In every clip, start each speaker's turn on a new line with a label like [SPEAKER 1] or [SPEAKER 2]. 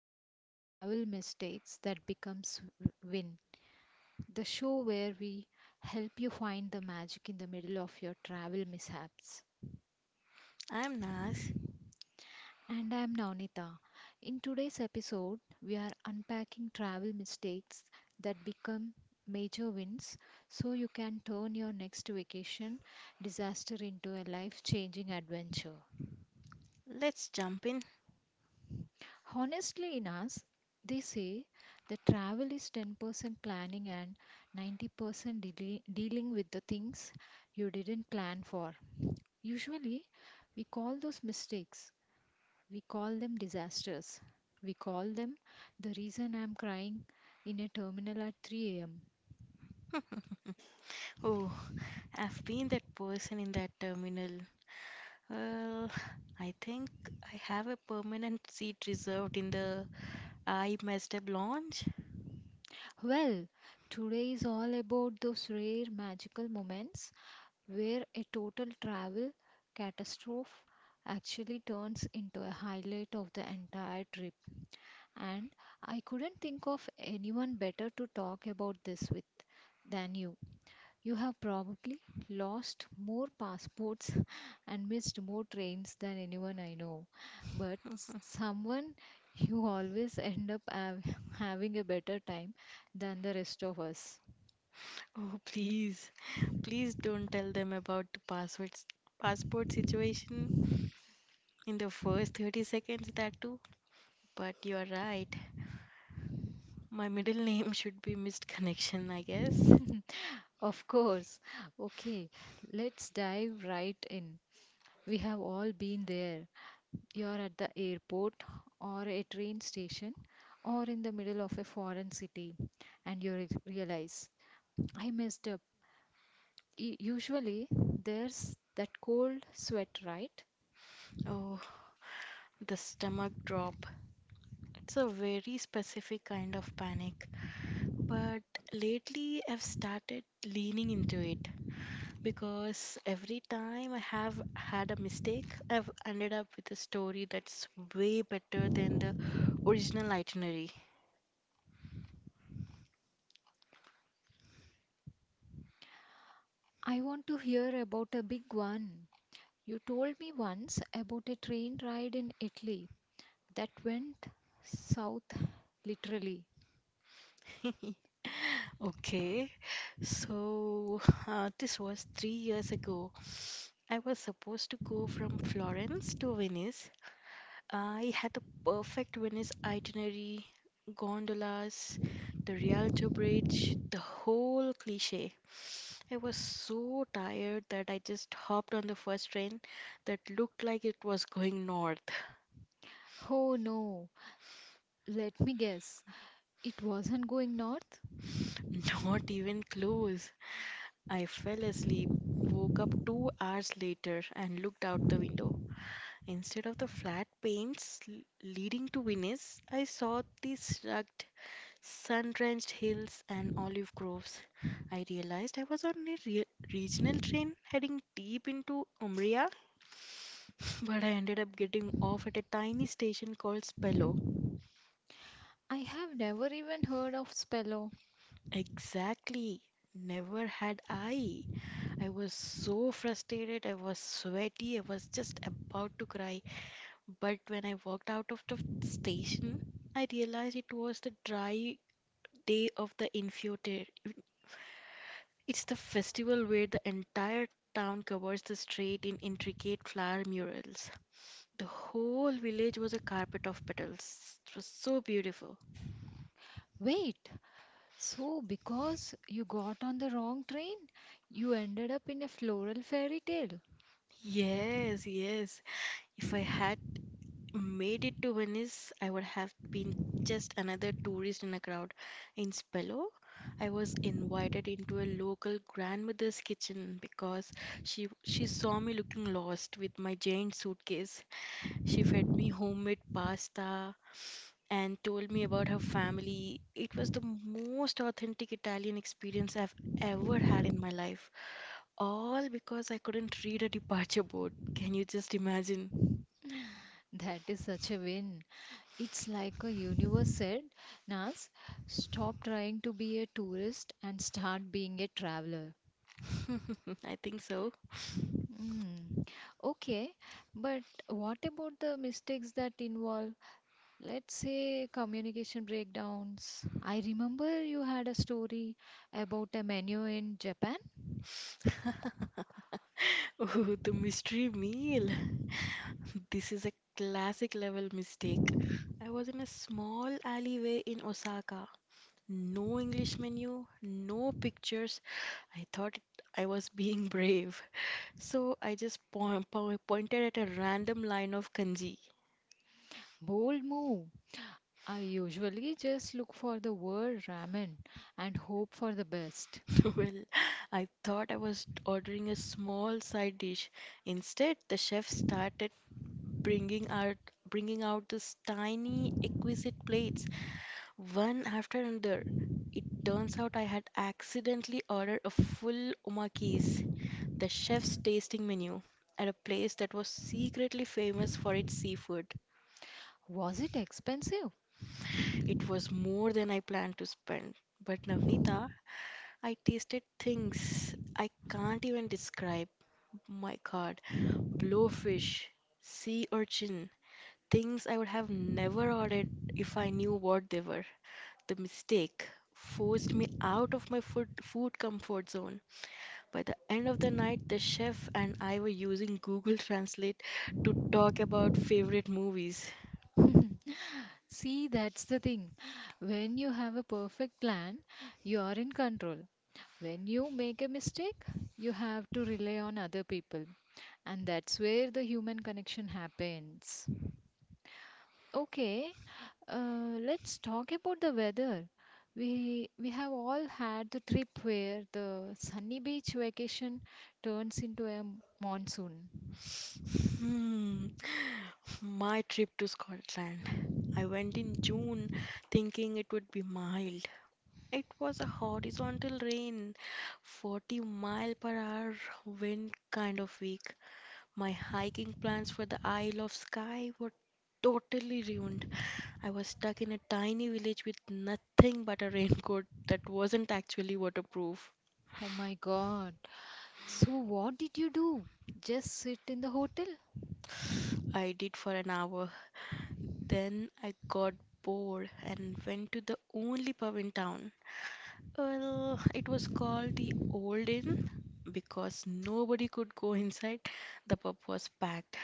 [SPEAKER 1] listening to Travel Mistakes That Becomes Win, the show where we help you find the magic in the middle of your travel mishaps.
[SPEAKER 2] I'm Naz.
[SPEAKER 1] And I'm Navnita. In today's episode, we are unpacking travel mistakes that become major wins so you can turn your next vacation disaster into a life changing adventure.
[SPEAKER 2] Let's jump in.
[SPEAKER 1] Honestly, Inas, they say that travel is 10% planning and 90% dealing with the things you didn't plan for. Usually, we call those mistakes, we call them disasters, we call them the reason I'm crying in a terminal at 3 am.
[SPEAKER 2] Oh, I've been that person in that terminal. Well, I think I have a permanent seat reserved in the I messed up lounge.
[SPEAKER 1] Well, today is all about those rare magical moments where a total travel catastrophe actually turns into a highlight of the entire trip. And I couldn't think of anyone better to talk about this with than you. You have probably lost more passports and missed more trains than anyone I know, but someone you always end up having a better time than the rest of us.
[SPEAKER 2] Oh, please, please don't tell them about the passwords, passport situation in the first 30 seconds, that too. But you're right. My middle name should be missed connection, I guess.
[SPEAKER 1] Of course. Okay, let's dive right in. We have all been there. You're at the airport or a train station or in the middle of a foreign city and you realize I messed up. Usually there's that cold sweat, right?
[SPEAKER 2] Oh, the stomach drop. It's a very specific kind of panic. But lately, I've started leaning into it because every time I have had a mistake, I've ended up with a story that's way better than the original itinerary.
[SPEAKER 1] I want to hear about a big one. You told me once about a train ride in Italy that went south literally.
[SPEAKER 2] Okay, so this was 3 years ago. I was supposed to go from Florence to Venice. I had the perfect Venice itinerary, gondolas, the Rialto Bridge, the whole cliche. I was so tired that I just hopped on the first train that looked like it was going north.
[SPEAKER 1] Oh no, let me guess. It wasn't going north?
[SPEAKER 2] Not even close. I fell asleep, woke up 2 hours later, and looked out the window. Instead of the flat panes leading to Venice, I saw these rugged, sun drenched hills and olive groves. I realized I was on a regional train heading deep into Umbria, but I ended up getting off at a tiny station called Spello.
[SPEAKER 1] I have never even heard of Spello.
[SPEAKER 2] Exactly. Never had I. I was so frustrated. I was sweaty. I was just about to cry. But when I walked out of the station, I realized it was the dry day of the Infiote. It's the festival where the entire town covers the street in intricate flower murals. The whole village was a carpet of petals. It was so beautiful.
[SPEAKER 1] Wait, so because you got on the wrong train, you ended up in a floral fairy tale.
[SPEAKER 2] Yes, yes. If I had made it to Venice, I would have been just another tourist in a crowd. In Spello, I was invited into a local grandmother's kitchen because she saw me looking lost with my giant suitcase. She fed me homemade pasta and told me about her family. It was the most authentic Italian experience I've ever had in my life, all because I couldn't read a departure board. Can you just imagine?
[SPEAKER 1] That is such a win. It's like a universe said, Nas, stop trying to be a tourist and start being a traveler.
[SPEAKER 2] I think so.
[SPEAKER 1] Hmm. Okay, but what about the mistakes that involve, let's say, communication breakdowns? I remember you had a story about a menu in Japan.
[SPEAKER 2] Oh, the mystery meal. This is a classic level mistake. I was in a small alleyway in Osaka. No English menu, no pictures. I thought I was being brave. So I just po po pointed at a random line of kanji.
[SPEAKER 1] Bold move. I usually just look for the word ramen and hope for the best.
[SPEAKER 2] Well, I thought I was ordering a small side dish. Instead, the chef started bringing out bringing out these tiny exquisite plates. One after another. It turns out I had accidentally ordered a full omakase, the chef's tasting menu, at a place that was secretly famous for its seafood.
[SPEAKER 1] Was it expensive?
[SPEAKER 2] It was more than I planned to spend. But Navnita, I tasted things I can't even describe. My God, blowfish, sea urchin, things I would have never ordered if I knew what they were. The mistake forced me out of my food comfort zone. By the end of the night, the chef and I were using Google Translate to talk about favorite movies.
[SPEAKER 1] See, that's the thing. When you have a perfect plan, you are in control. When you make a mistake, you have to rely on other people. And that's where the human connection happens. Okay, let's talk about the weather. We have all had the trip where the sunny beach vacation turns into a monsoon.
[SPEAKER 2] Hmm. My trip to Scotland. I went in June thinking it would be mild. It was a horizontal rain, 40 mile per hour wind kind of week. My hiking plans for the Isle of Skye were totally ruined. I was stuck in a tiny village with nothing but a raincoat that wasn't actually waterproof.
[SPEAKER 1] Oh my God. So what did you do? Just sit in the hotel?
[SPEAKER 2] I did for an hour. Then I got bored and went to the only pub in town. Well, it was called the Old Inn because nobody could go inside. The pub was packed.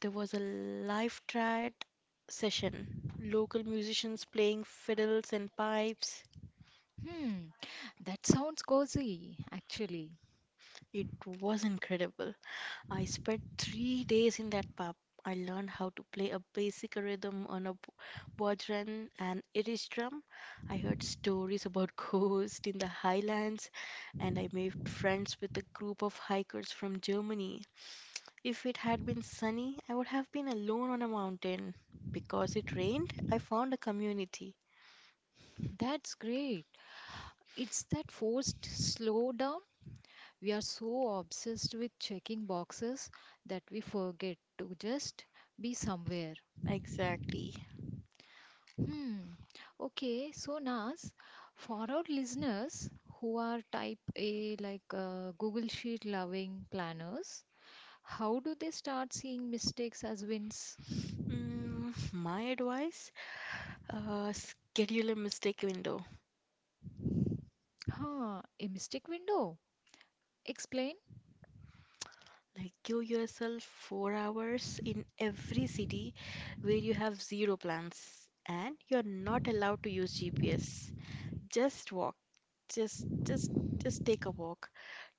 [SPEAKER 2] There was a live triad session, local musicians playing fiddles and pipes.
[SPEAKER 1] Hmm, that sounds cozy, actually.
[SPEAKER 2] It was incredible. I spent 3 days in that pub. I learned how to play a basic rhythm on a bodhran and Irish drum. I heard stories about ghosts in the highlands, and I made friends with a group of hikers from Germany. If it had been sunny, I would have been alone on a mountain. Because it rained, I found a community.
[SPEAKER 1] That's great. It's that forced slow down. We are so obsessed with checking boxes that we forget to just be somewhere.
[SPEAKER 2] Exactly.
[SPEAKER 1] Hmm. Okay, so Naz, for our listeners who are type A, like Google Sheet loving planners, how do they start seeing mistakes as wins?
[SPEAKER 2] My advice, schedule a mistake window.
[SPEAKER 1] Huh, a mistake window. Explain.
[SPEAKER 2] Like give yourself 4 hours in every city where you have zero plans and you're not allowed to use GPS. Just walk. Just just just take a walk.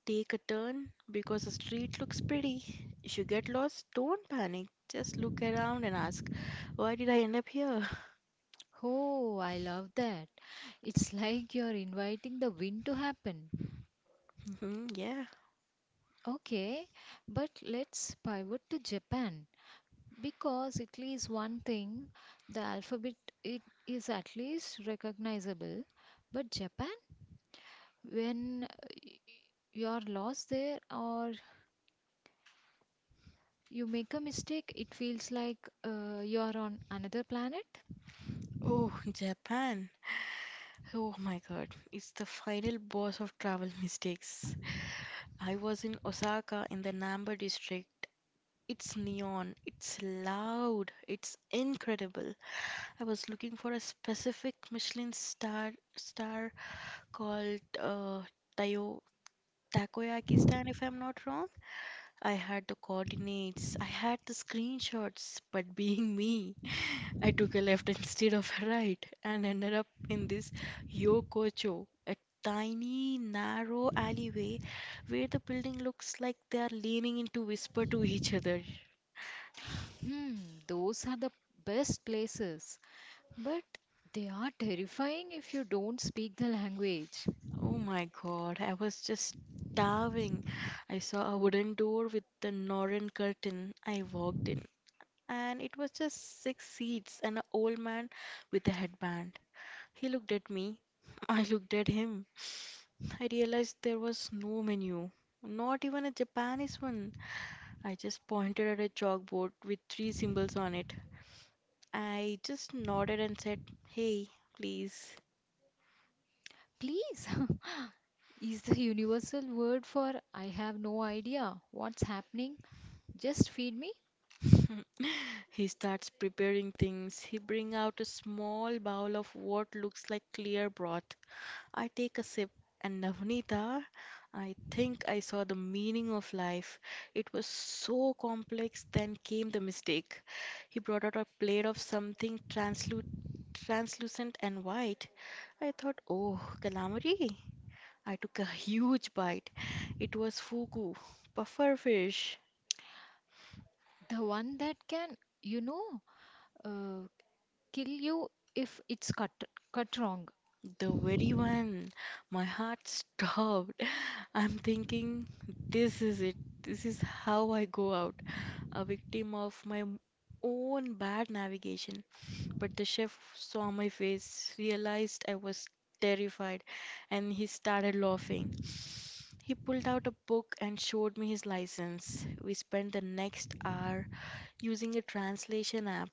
[SPEAKER 2] Take a turn because the street looks pretty. If you get lost, don't panic. Just look around and ask, why did I end up here?
[SPEAKER 1] Oh, I love that. It's like you're inviting the win to happen.
[SPEAKER 2] Mhm, yeah.
[SPEAKER 1] Okay, but let's pivot to Japan because at least one thing, the alphabet it is at least recognizable. But Japan? When you are lost there or you make a mistake, it feels like you are on another planet.
[SPEAKER 2] Oh, Japan. Oh my God, it's the final boss of travel mistakes. I was in Osaka in the Namba district. It's neon, it's loud, it's incredible. I was looking for a specific Michelin star called Tayo Takoyaki stand, if I'm not wrong. I had the coordinates, I had the screenshots, but being me, I took a left instead of a right and ended up in this Yokocho, a tiny, narrow alleyway where the building looks like they are leaning in to whisper to each other.
[SPEAKER 1] Hmm, those are the best places, but they are terrifying if you don't speak the language.
[SPEAKER 2] Oh my god, I was just starving. I saw a wooden door with the Northern curtain. I walked in, and it was just six seats and an old man with a headband. He looked at me. I looked at him. I realized there was no menu, not even a Japanese one. I just pointed at a chalkboard with three symbols on it. I just nodded and said, "Hey, please."
[SPEAKER 1] Please, is the universal word for I have no idea what's happening? Just feed me.
[SPEAKER 2] He starts preparing things. He bring out a small bowl of what looks like clear broth. I take a sip, and Navnita, I think I saw the meaning of life. It was so complex, then came the mistake. He brought out a plate of something translucent and white. I thought, oh, calamari. I took a huge bite. It was fugu, puffer fish.
[SPEAKER 1] The one that can, you know, uh, kill you if it's cut wrong.
[SPEAKER 2] The very one. My heart stopped. I'm thinking, this is it. This is how I go out. A victim of my own bad navigation. But the chef saw my face, realized I was terrified, and he started laughing. He pulled out a book and showed me his license. We spent the next hour using a translation app.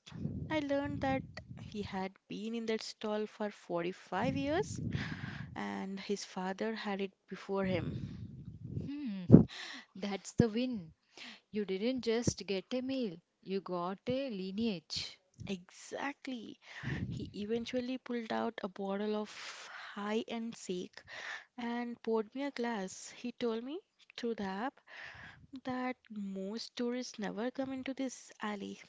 [SPEAKER 2] I learned that he had been in that stall for 45 years and his father had it before him.
[SPEAKER 1] Hmm. That's the win. You didn't just get a meal, you got a lineage.
[SPEAKER 2] Exactly. He eventually pulled out a bottle of high end sake and poured me a glass. He told me through the app that most tourists never come into this alley.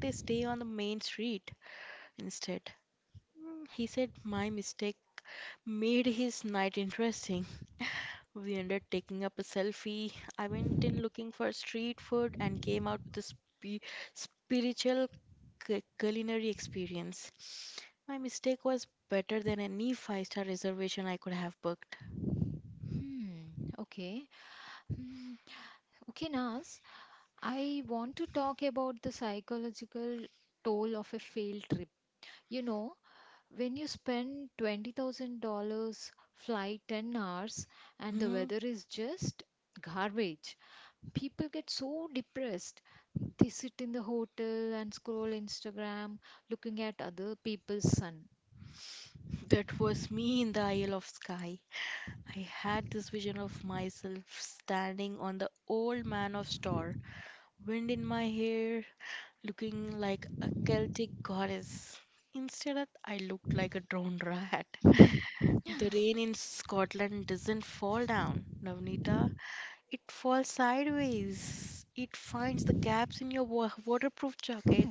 [SPEAKER 2] They stay on the main street instead. He said my mistake made his night interesting. We ended taking up a selfie. I went in looking for street food and came out with a spiritual culinary experience. My mistake was better than any five-star reservation I could have booked.
[SPEAKER 1] Hmm, okay. Hmm, okay, Nas, I want to talk about the psychological toll of a failed trip. You know, when you spend $20,000, fly 10 hours, and the
[SPEAKER 2] hmm
[SPEAKER 1] weather is just garbage, people get so depressed. They sit in the hotel and scroll Instagram looking at other people's sun.
[SPEAKER 2] That was me in the Isle of Skye. I had this vision of myself standing on the old man of store wind in my hair, looking like a Celtic goddess. Instead, I looked like a drowned rat. The rain in Scotland doesn't fall down, Navnita. It falls sideways. It finds the gaps in your waterproof jacket.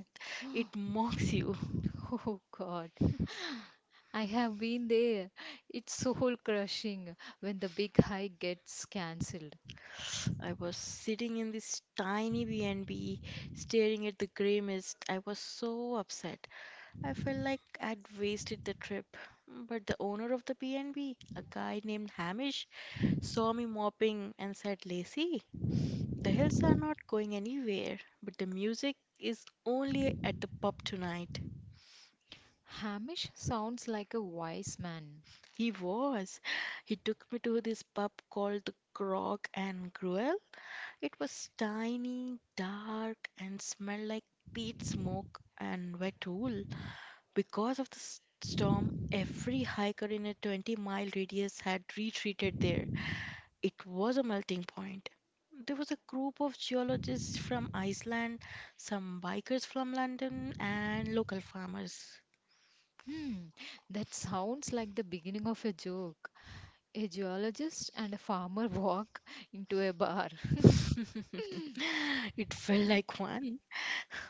[SPEAKER 2] It mocks you.
[SPEAKER 1] Oh, God. I have been there. It's soul crushing when the big hike gets cancelled.
[SPEAKER 2] I was sitting in this tiny B&B, staring at the grey mist. I was so upset. I felt like I'd wasted the trip. But the owner of the B&B, a guy named Hamish, saw me mopping and said, Lacey, the hills are not going anywhere, but the music is only at the pub tonight.
[SPEAKER 1] Hamish sounds like a wise man.
[SPEAKER 2] He was. He took me to this pub called the Grog and Gruel. It was tiny, dark, and smelled like peat smoke and wet wool. Because of the storm, every hiker in a 20-mile radius had retreated there. It was a melting point. There was a group of geologists from Iceland, some bikers from London, and local farmers.
[SPEAKER 1] Hmm, that sounds like the beginning of a joke. A geologist and a farmer walk into a bar.
[SPEAKER 2] It felt like one.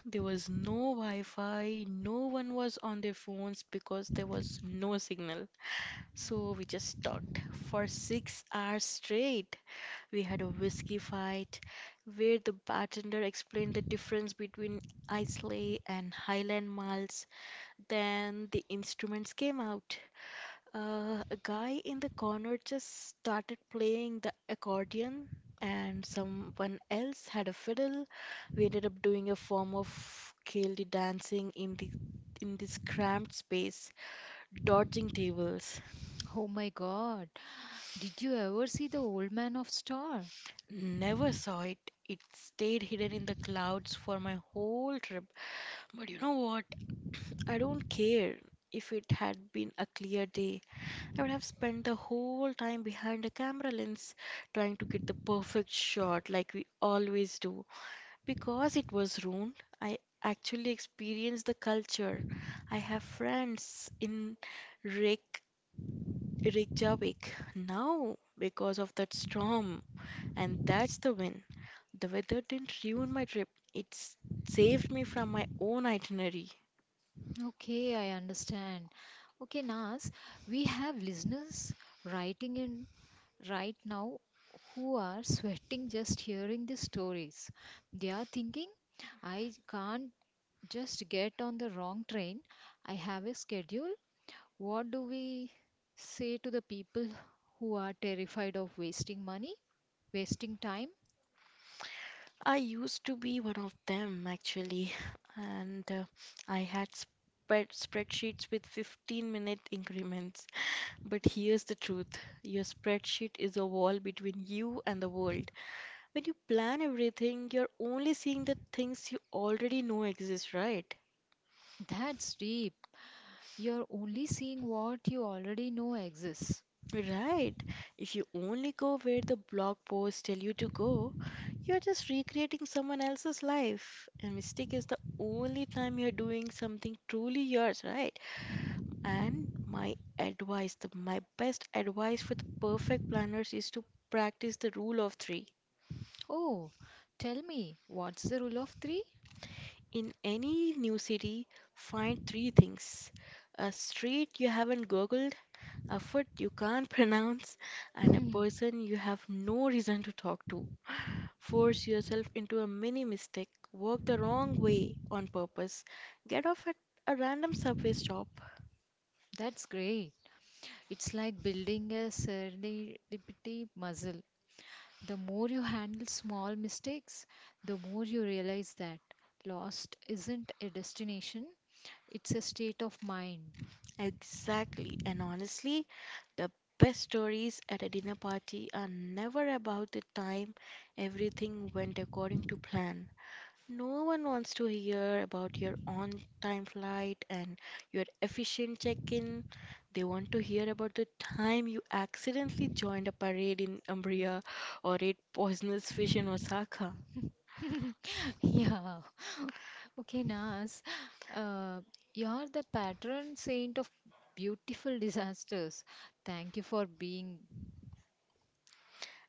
[SPEAKER 2] There was no Wi Fi, no one was on their phones because there was no signal. So we just talked for 6 hours straight. We had a whiskey fight where the bartender explained the difference between Islay and Highland malts. Then the instruments came out. A guy in the corner just started playing the accordion, and someone else had a fiddle. We ended up doing a form of Gaelic dancing in the in this cramped space, dodging tables.
[SPEAKER 1] Oh my god, did you ever see The Old Man of Star?
[SPEAKER 2] Never saw it. It stayed hidden in the clouds for my whole trip. But you know what? I don't care. If it had been a clear day, I would have spent the whole time behind a camera lens trying to get the perfect shot like we always do. Because it was ruined, I actually experienced the culture. I have friends in Reyk- Reykjavik now because of that storm, and that's the win. The weather didn't ruin my trip, it saved me from my own itinerary.
[SPEAKER 1] Okay, I understand. Okay, Nas, we have listeners writing in right now who are sweating just hearing the stories. They are thinking, I can't just get on the wrong train. I have a schedule. What do we say to the people who are terrified of wasting money, wasting time?
[SPEAKER 2] I used to be one of them actually, and I had spreadsheets with 15-minute increments. But here's the truth, your spreadsheet is a wall between you and the world. When you plan everything, you're only seeing the things you already know exist, right?
[SPEAKER 1] That's deep. You're only seeing what you already know exists.
[SPEAKER 2] Right. If you only go where the blog posts tell you to go, you're just recreating someone else's life. A mistake is the only time you're doing something truly yours, right? And my advice, my best advice for the perfect planners is to practice the rule of three.
[SPEAKER 1] Oh, tell me, what's the rule of three?
[SPEAKER 2] In any new city, find three things: a street you haven't googled, a food you can't pronounce, and a
[SPEAKER 1] Hmm,
[SPEAKER 2] person you have no reason to talk to. Force yourself into a mini mistake, walk the wrong way on purpose, get off at a random subway stop.
[SPEAKER 1] that's great. It's like building a serendipity muscle. The more you handle small mistakes, the more you realize that lost isn't a destination, it's a state of mind.
[SPEAKER 2] Exactly, and honestly, the best stories at a dinner party are never about the time everything went according to plan. No one wants to hear about your on time flight and your efficient check in. They want to hear about the time you accidentally joined a parade in Umbria or ate poisonous fish in Osaka.
[SPEAKER 1] Yeah. Okay, Nas, uh, you're the patron saint of beautiful disasters. Thank you for being.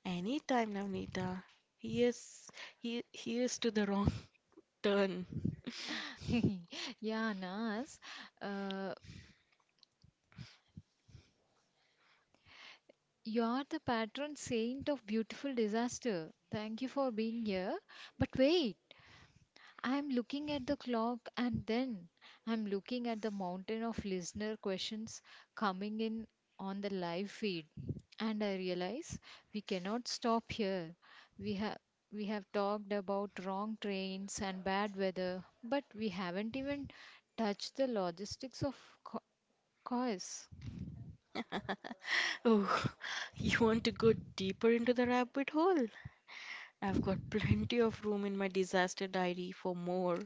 [SPEAKER 2] Anytime, Navneeta. Here's, here's to the wrong turn.
[SPEAKER 1] Yeah, Nas. Uh, You are the patron saint of beautiful disaster. Thank you for being here. But wait, I am looking at the clock and then I am looking at the mountain of listener questions coming in on the live feed. And I realize we cannot stop here. We have we have talked about wrong trains and bad weather, but we haven't even touched the logistics of co- course.
[SPEAKER 2] Oh, you want to go deeper into the rabbit hole? I've got plenty of room in my disaster diary for more.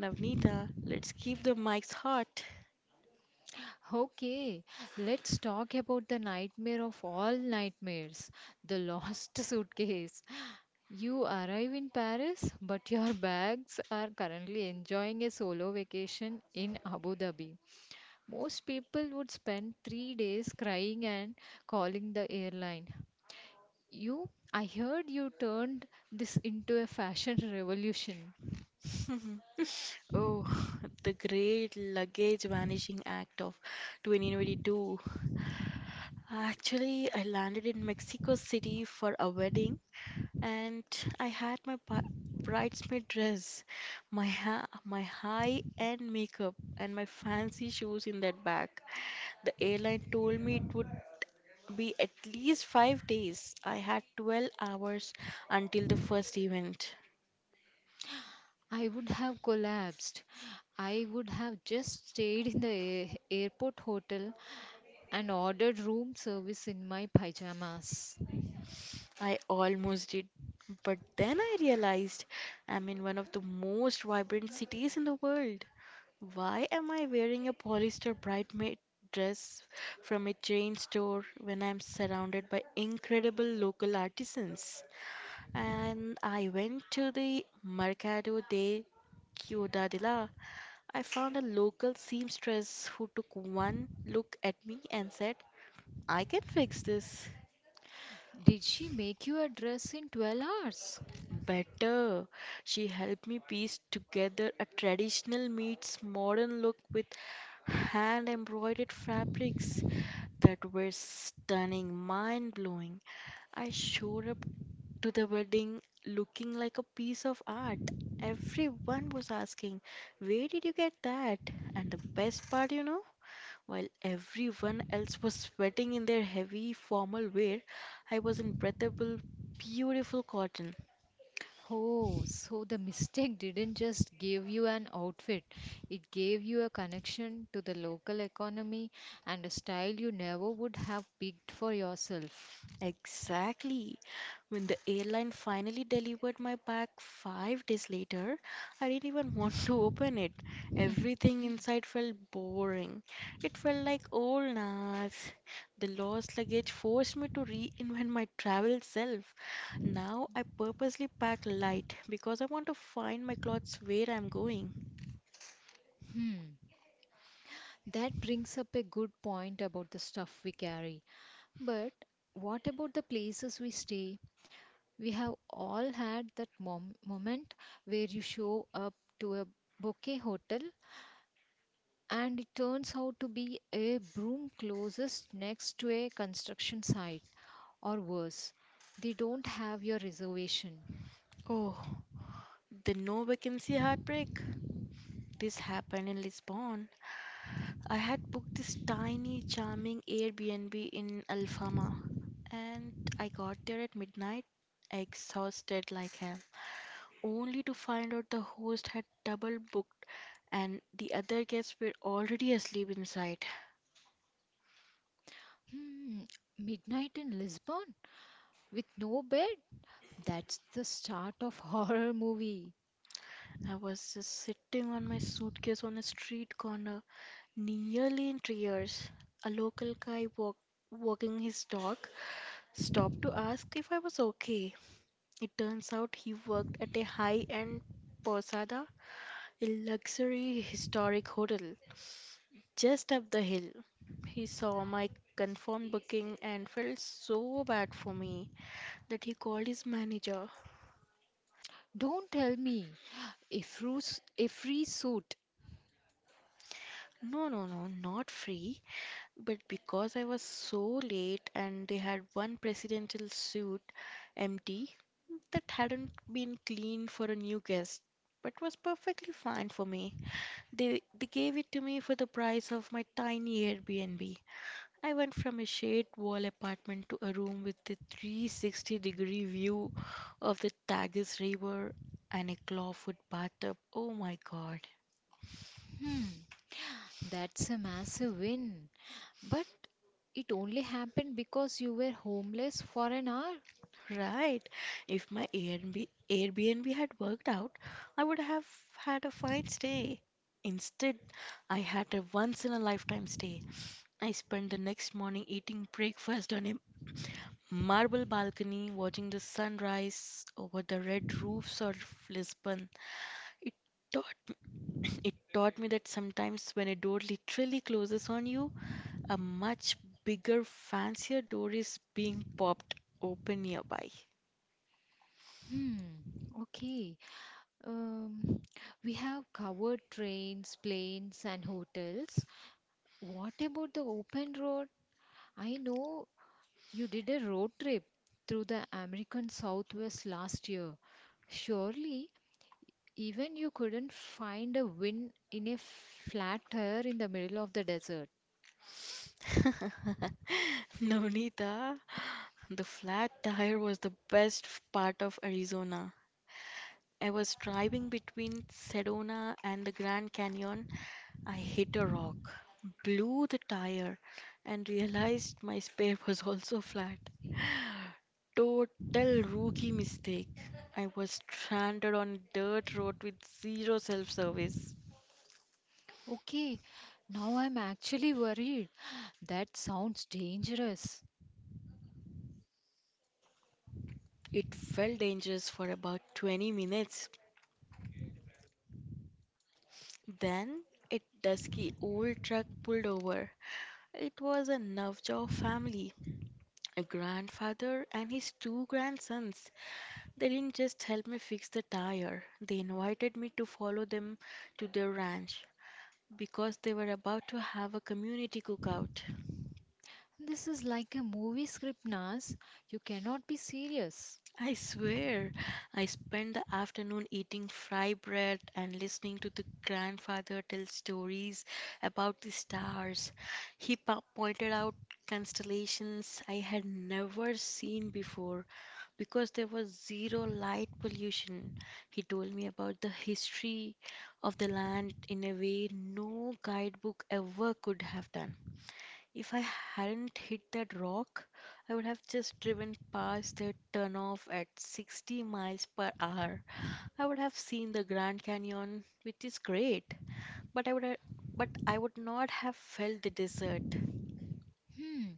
[SPEAKER 2] Navneeta, let's keep the mics hot.
[SPEAKER 1] Okay, let's talk about the nightmare of all nightmares, the lost suitcase. You arrive in Paris, but your bags are currently enjoying a solo vacation in Abu Dhabi. Most people would spend 3 days crying and calling the airline. You, I heard you turned this into a fashion revolution.
[SPEAKER 2] Oh, the great luggage vanishing act of 2022. Actually, I landed in Mexico City for a wedding, and I had my bridesmaid dress, my high-end makeup, and my fancy shoes in that bag. The airline told me it would be at least 5 days. I had 12 hours until the first event.
[SPEAKER 1] I would have collapsed. I would have just stayed in the airport hotel and ordered room service in my pajamas.
[SPEAKER 2] I almost did. But then I realized I'm in one of the most vibrant cities in the world. Why am I wearing a polyester bridesmaid dress from a chain store when I'm surrounded by incredible local artisans? And I went to the Mercado de Ciudadela. I found a local seamstress who took one look at me and said, "I can fix this
[SPEAKER 1] Did she make you a dress in 12 hours?
[SPEAKER 2] better." She helped me piece together a traditional meets modern look with hand embroidered fabrics that were stunning, mind blowing. I showed up to the wedding looking like a piece of art. Everyone was asking, "Where did you get that?" And the best part, you know, while everyone else was sweating in their heavy formal wear, I was in breathable, beautiful cotton.
[SPEAKER 1] Oh, so the mistake didn't just give you an outfit, it gave you a connection to the local economy and a style you never would have picked for yourself.
[SPEAKER 2] Exactly. When the airline finally delivered my bag 5 days later, I didn't even want to open it. Everything inside felt boring. It felt like old Nas. The lost luggage forced me to reinvent my travel self. Now I purposely pack light because I want to find my clothes where I'm going.
[SPEAKER 1] Hmm. That brings up a good point about the stuff we carry. But what about the places we stay? We have all had that moment where you show up to a bouquet hotel and it turns out to be a broom closest next to a construction site, or worse, they don't have your reservation.
[SPEAKER 2] Oh, the no vacancy heartbreak. This happened in Lisbon. I had booked this tiny, charming Airbnb in Alfama, and I got there at midnight, exhausted like hell, only to find out the host had double booked and the other guests were already asleep inside.
[SPEAKER 1] Hmm, midnight in Lisbon with no bed? That's the start of horror movie.
[SPEAKER 2] I was just sitting on my suitcase on a street corner, nearly in tears. A local guy walked walking his dog stopped to ask if I was okay. It turns out he worked at a high end posada, a luxury historic hotel just up the hill. He saw my confirmed booking and felt so bad for me that he called his manager.
[SPEAKER 1] Don't tell me. A, a free suit.
[SPEAKER 2] No, no, no, not free, but because I was so late and they had one presidential suite empty that hadn't been cleaned for a new guest but was perfectly fine for me. They gave it to me for the price of my tiny Airbnb. I went from a shade wall apartment to a room with a 360-degree view of the Tagus River and a clawfoot bathtub. Oh my god.
[SPEAKER 1] Hmm, that's a massive win. But it only happened because you were homeless for an hour?
[SPEAKER 2] Right. If my Airbnb had worked out, I would have had a fine stay. Instead, I had a once in a lifetime stay. I spent the next morning eating breakfast on a marble balcony, watching the sunrise over the red roofs of Lisbon. It taught It taught me that sometimes when a door literally closes on you, a much bigger, fancier door is being popped open nearby.
[SPEAKER 1] Hmm, okay. Um, we have covered trains, planes, and hotels. What about the open road? I know you did a road trip through the American Southwest last year. Surely, even you couldn't find a wind in a flat tire in the middle of the desert.
[SPEAKER 2] Navneeta, the flat tire was the part of Arizona. I was driving between Sedona and the Grand Canyon. I hit a rock, blew the tire, and realized my spare was also flat. Total rookie mistake. I was stranded on a dirt road with zero self service.
[SPEAKER 1] Okay, now I'm actually worried. That sounds dangerous.
[SPEAKER 2] It felt dangerous for about 20 minutes. Then a dusky old truck pulled over. It was a Navjot family, a grandfather and his two grandsons. They didn't just help me fix the tire, they invited me to follow them to their ranch because they were about to have a community cookout.
[SPEAKER 1] This is like a movie script, Nas. You cannot be serious.
[SPEAKER 2] I swear, I spent the afternoon eating fry bread and listening to the grandfather tell stories about the stars. He pointed out constellations I had never seen before because there was zero light pollution. He told me about the history of the land in a way no guidebook ever could have done. If I hadn't hit that rock, I would have just driven past that turnoff at 60 miles per hour. I would have seen the Grand Canyon, which is great, but but I would not have felt the desert.
[SPEAKER 1] Hmm,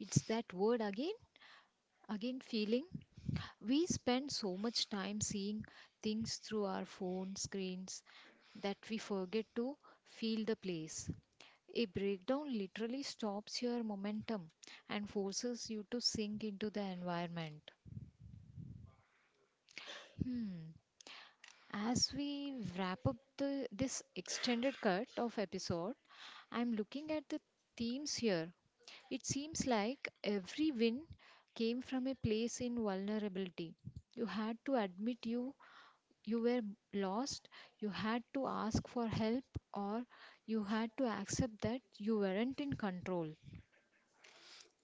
[SPEAKER 1] it's that word again, again feeling. We spend so much time seeing things through our phone screens that we forget to feel the place. A breakdown literally stops your momentum and forces you to sink into the environment. Hmm. As we wrap up this extended cut of episode, I'm looking at the themes here. It seems like every win came from a place in vulnerability. You had to admit you were lost, you had to ask for help or you had to accept that you weren't in control.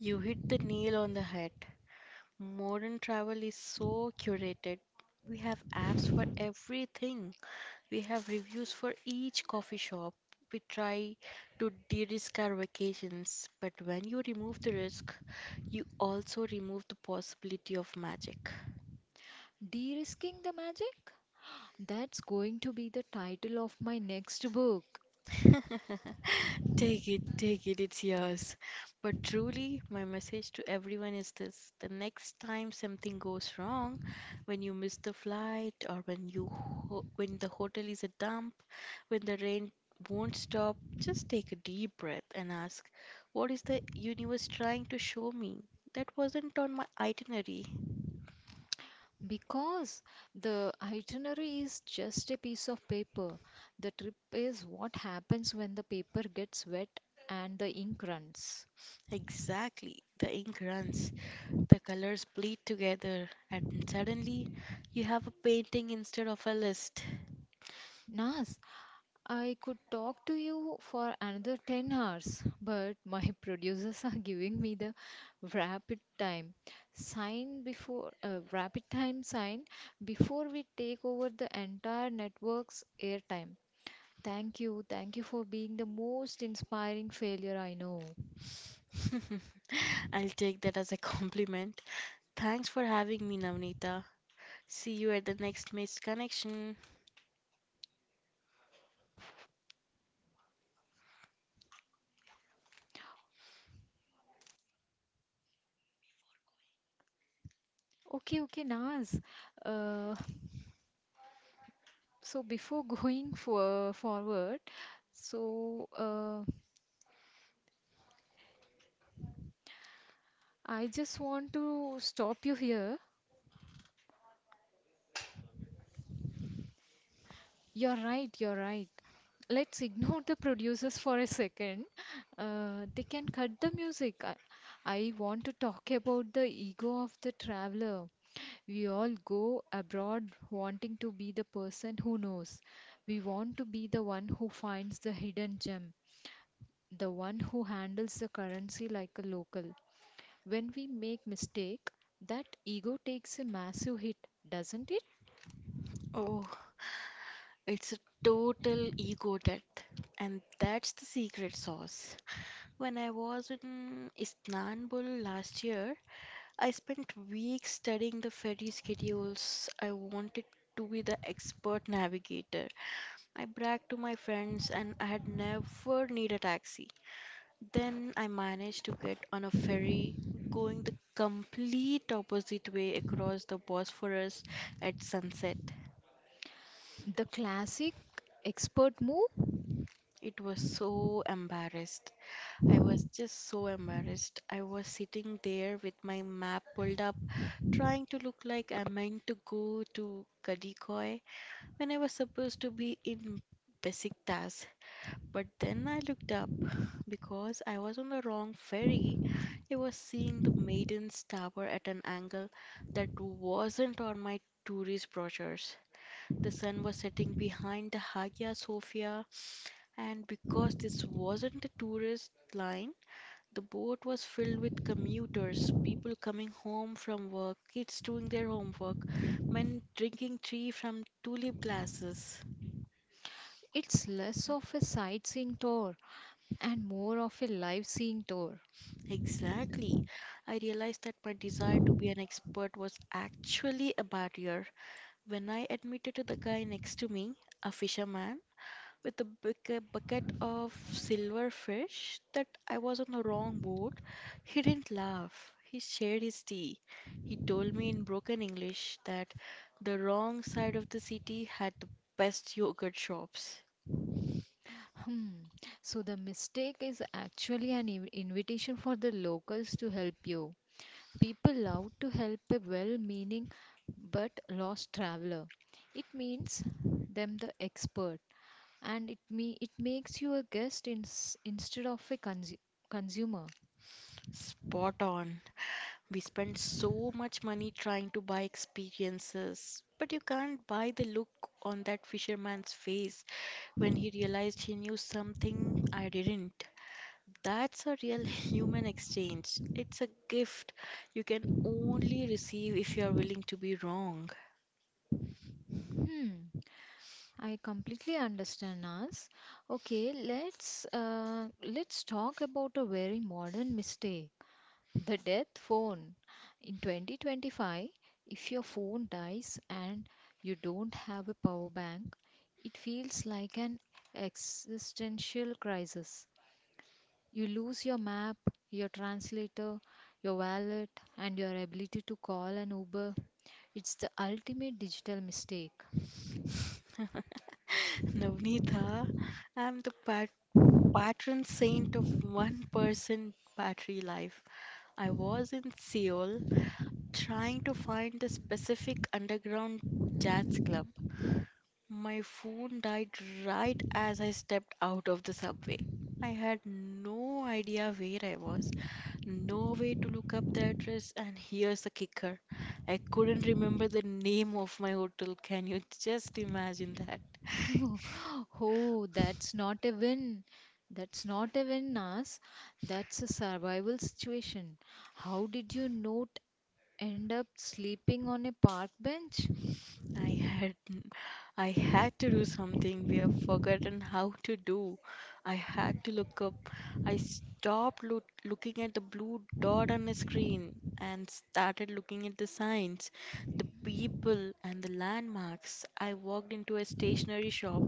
[SPEAKER 2] You hit the nail on the head. Modern travel is so curated. We have apps for everything. We have reviews for each coffee shop. We try to de-risk our vacations, but when you remove the risk, you also remove the possibility of magic.
[SPEAKER 1] De-risking the magic? That's going to be the title of my next book.
[SPEAKER 2] Take it, it's yours. But truly, my message to everyone is this: the next time something goes wrong, when you miss the flight, or when the hotel is a dump, when the rain won't stop, just take a deep breath and ask, "What is the universe trying to show me? That wasn't on my itinerary."
[SPEAKER 1] Because the itinerary is just a piece of paper. The trip is what happens when the paper gets wet and the ink runs.
[SPEAKER 2] Exactly, the ink runs. The colors bleed together, and suddenly you have a painting instead of a list.
[SPEAKER 1] Nas, I could talk to you for another 10 hours, but my producers are giving me the rapid time rapid time sign before we take over the entire network's airtime. Thank you for being the most inspiring failure I know.
[SPEAKER 2] I'll take that as a compliment. Thanks for having me, Navnita. See you at the next missed connection.
[SPEAKER 1] Okay, okay, Naz. Uh, so before forward, so uh, I just want to stop you here. You're right, you're right. Let's ignore the producers for a second. They can cut the music. I want to talk about the ego of the traveler. We all go abroad wanting to be the person who knows. We want to be the one who finds the hidden gem, the one who handles the currency like a local. When we make mistake, that ego takes a massive hit, doesn't it?
[SPEAKER 2] Oh, it's a total ego death. And that's the secret sauce. When I was in Istanbul last year, I spent weeks studying the ferry schedules. I wanted to be the expert navigator. I bragged to my friends and I had never need a taxi. Then I managed to get on a ferry going the complete opposite way across the Bosphorus at sunset.
[SPEAKER 1] The classic expert move,
[SPEAKER 2] It was so embarrassed. I was just so embarrassed. I was sitting there with my map pulled up, trying to look like I meant to go to Kadikoy when I was supposed to be in Besiktas. But then I looked up. Because I was on the wrong ferry, I was seeing the Maiden's Tower at an angle that wasn't on my tourist brochures. The sun was setting behind the Hagia Sophia, and because this wasn't a tourist line, the boat was filled with commuters, people coming home from work, kids doing their homework, men drinking tea from tulip glasses.
[SPEAKER 1] it's less of a sightseeing tour and more of a live seeing tour.
[SPEAKER 2] Exactly. I realized that my desire to be an expert was actually a barrier when I admitted to the guy next to me, a fisherman, with a bucket of silver fish, that I was on the wrong boat. He didn't laugh. He shared his tea. He told me in broken English that the wrong side of the city had the best yogurt shops.
[SPEAKER 1] Hmm. So the mistake is actually an invitation for the locals to help you. People love to help a well-meaning but lost traveler. It means them the expert, and it makes you a guest instead of a consumer.
[SPEAKER 2] Spot on. We spend so much money trying to buy experiences, but you can't buy the look on that fisherman's face when he realized he knew something I didn't. That's a real human exchange. It's a gift you can only receive if you are willing to be wrong.
[SPEAKER 1] Hmm. I completely understand, Nas. Okay, let's talk about a very modern mistake. The death phone. In 2025, if your phone dies and you don't have a power bank, it feels like an existential crisis. You lose your map, your translator, your wallet, and your ability to call an Uber. It's the ultimate digital mistake.
[SPEAKER 2] Navneeta, I'm the patron saint of one person battery life. I was in Seoul trying to find the specific underground jazz club. My phone died right as I stepped out of the subway. I had no idea where I was, no way to look up the address, and here's the kicker. I couldn't remember the name of my hotel. Can you just imagine that?
[SPEAKER 1] Oh, that's not a win. That's not a win, Nas. That's a survival situation. How did you note end up sleeping on a park bench?
[SPEAKER 2] I had I had to do something we have forgotten how to do. I had to look up. I stopped looking at the blue dot on the screen and started looking at the signs, the people, and the landmarks. I walked into a stationery shop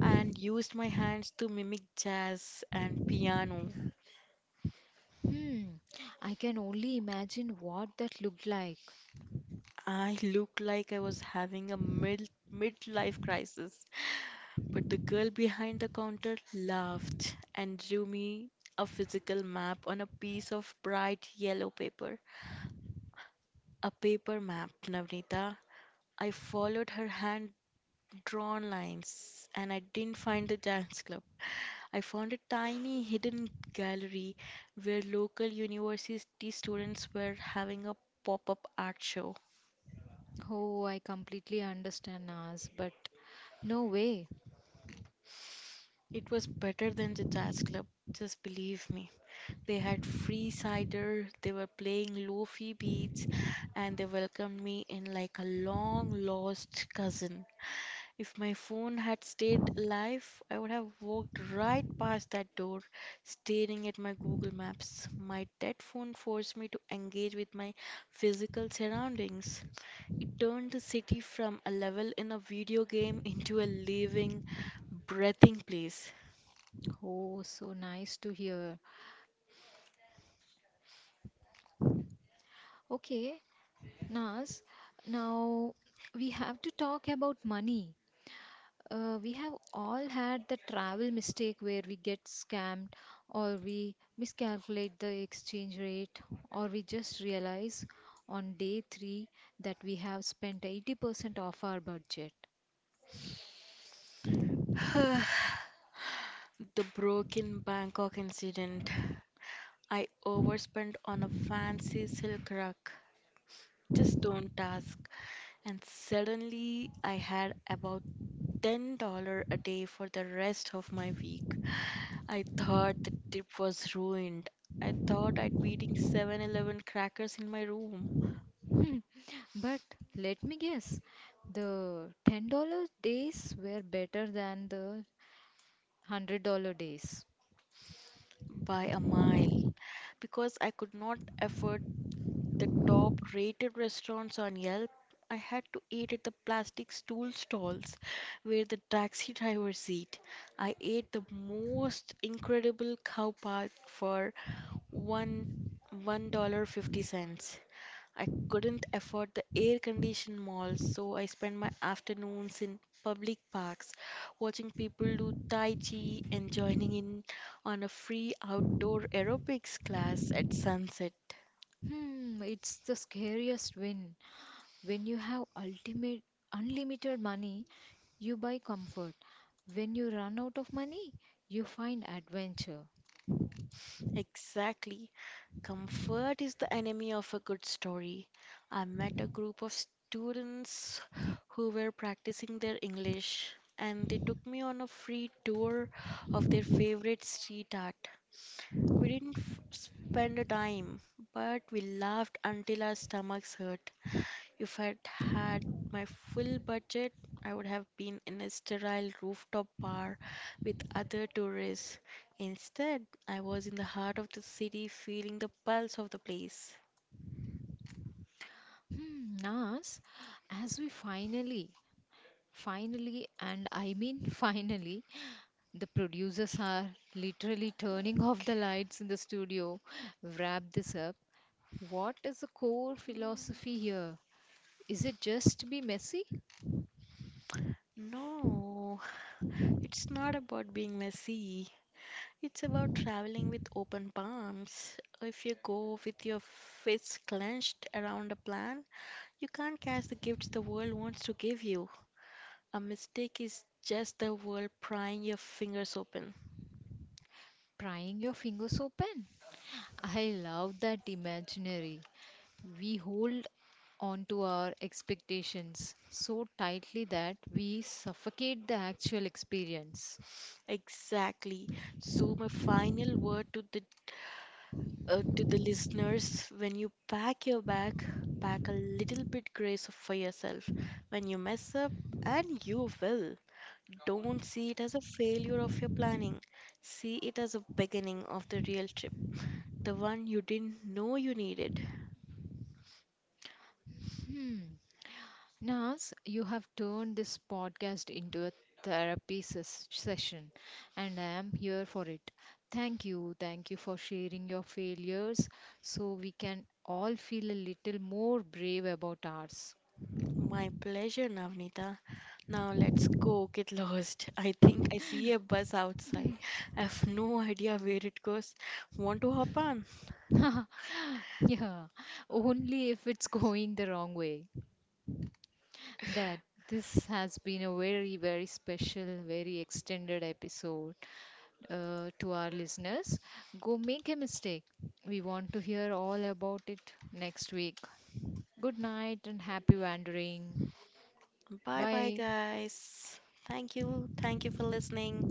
[SPEAKER 2] and used my hands to mimic jazz and piano.
[SPEAKER 1] Hmm, I can only imagine what that looked like.
[SPEAKER 2] I looked like I was having a midlife crisis. But the girl behind the counter laughed and drew me a physical map on a piece of bright yellow paper. A paper map, Navnita. I followed her hand drawn lines and I didn't find the dance club. I found a tiny hidden gallery where local university students were having a pop up art show.
[SPEAKER 1] Oh, I completely understand Nas, but no way.
[SPEAKER 2] It was better than the dance club, just believe me. They had free cider, they were playing lofi beats, and they welcomed me in like a long lost cousin. If my phone had stayed alive, I would have walked right past that door, staring at my Google Maps. My dead phone forced me to engage with my physical surroundings. It turned the city from a level in a video game into a living, breathing place.
[SPEAKER 1] Oh, so nice to hear. Okay, Nas, now we have to talk about money. We have all had the travel mistake where we get scammed or we miscalculate the exchange rate or we just realize on day 3 that we have spent 80% of our budget.
[SPEAKER 2] The broken Bangkok incident. I overspent on a fancy silk rug, just don't ask. And suddenly I had about $10 a day for the rest of my week. I thought the trip was ruined. I thought I'd be eating 7-Eleven crackers in my room
[SPEAKER 1] But let me guess, the $10 days were better than the $100 days.
[SPEAKER 2] by a mile because I could not afford the top rated restaurants on Yelp. I had to eat at the plastic stool stalls where the taxi drivers eat. I ate the most incredible cow path for one $1.50. I couldn't afford the air-conditioned malls, so I spent my afternoons in public parks watching people do Tai Chi and joining in on a free outdoor aerobics class at sunset.
[SPEAKER 1] Hmm, it's the scariest win when you have ultimate unlimited money. You buy comfort. When you run out of money, you find adventure.
[SPEAKER 2] Exactly. Comfort is the enemy of a good story. I met a group of students who were practicing their English and they took me on a free tour of their favorite street art. We didn't f- spend a dime, but we laughed until our stomachs hurt. If I'd had my full budget, I would have been in a sterile rooftop bar with other tourists. Instead, I was in the heart of the city feeling the pulse of the place.
[SPEAKER 1] Hmm, Nas, as we finally, and I mean finally, the producers are literally turning off the lights in the studio. Wrap this up. What is the core philosophy here? Is it just to be messy?
[SPEAKER 2] No, it's not about being messy. It's about traveling with open palms. If you go with your fists clenched around a plan, you can't catch the gifts the world wants to give you. A mistake is just the world prying your fingers open.
[SPEAKER 1] Prying your fingers open? I love that imaginary. We hold onto our expectations so tightly that we suffocate the actual experience.
[SPEAKER 2] Exactly. So my final word to the listeners, when you pack your bag, pack a little bit grace for yourself. When you mess up, and you will, don't see it as a failure of your planning. See it as a beginning of the real trip, the one you didn't know you needed.
[SPEAKER 1] Hmm. Nas, you have turned this podcast into a therapy session, and I am here for it. Thank you. Thank you for sharing your failures so we can all feel a little more brave about ours.
[SPEAKER 2] My pleasure, Navnita. Now let's go get lost. I think I see a bus outside. I have no idea where it goes. Want to hop on?
[SPEAKER 1] Yeah, only if it's going the wrong way. That This has been a very, very special, very extended episode to our listeners. Go make a mistake. We want to hear all about it next week. Good night and happy wandering.
[SPEAKER 2] Bye bye,
[SPEAKER 1] Bye.
[SPEAKER 2] guys. Thank you. Thank you for listening.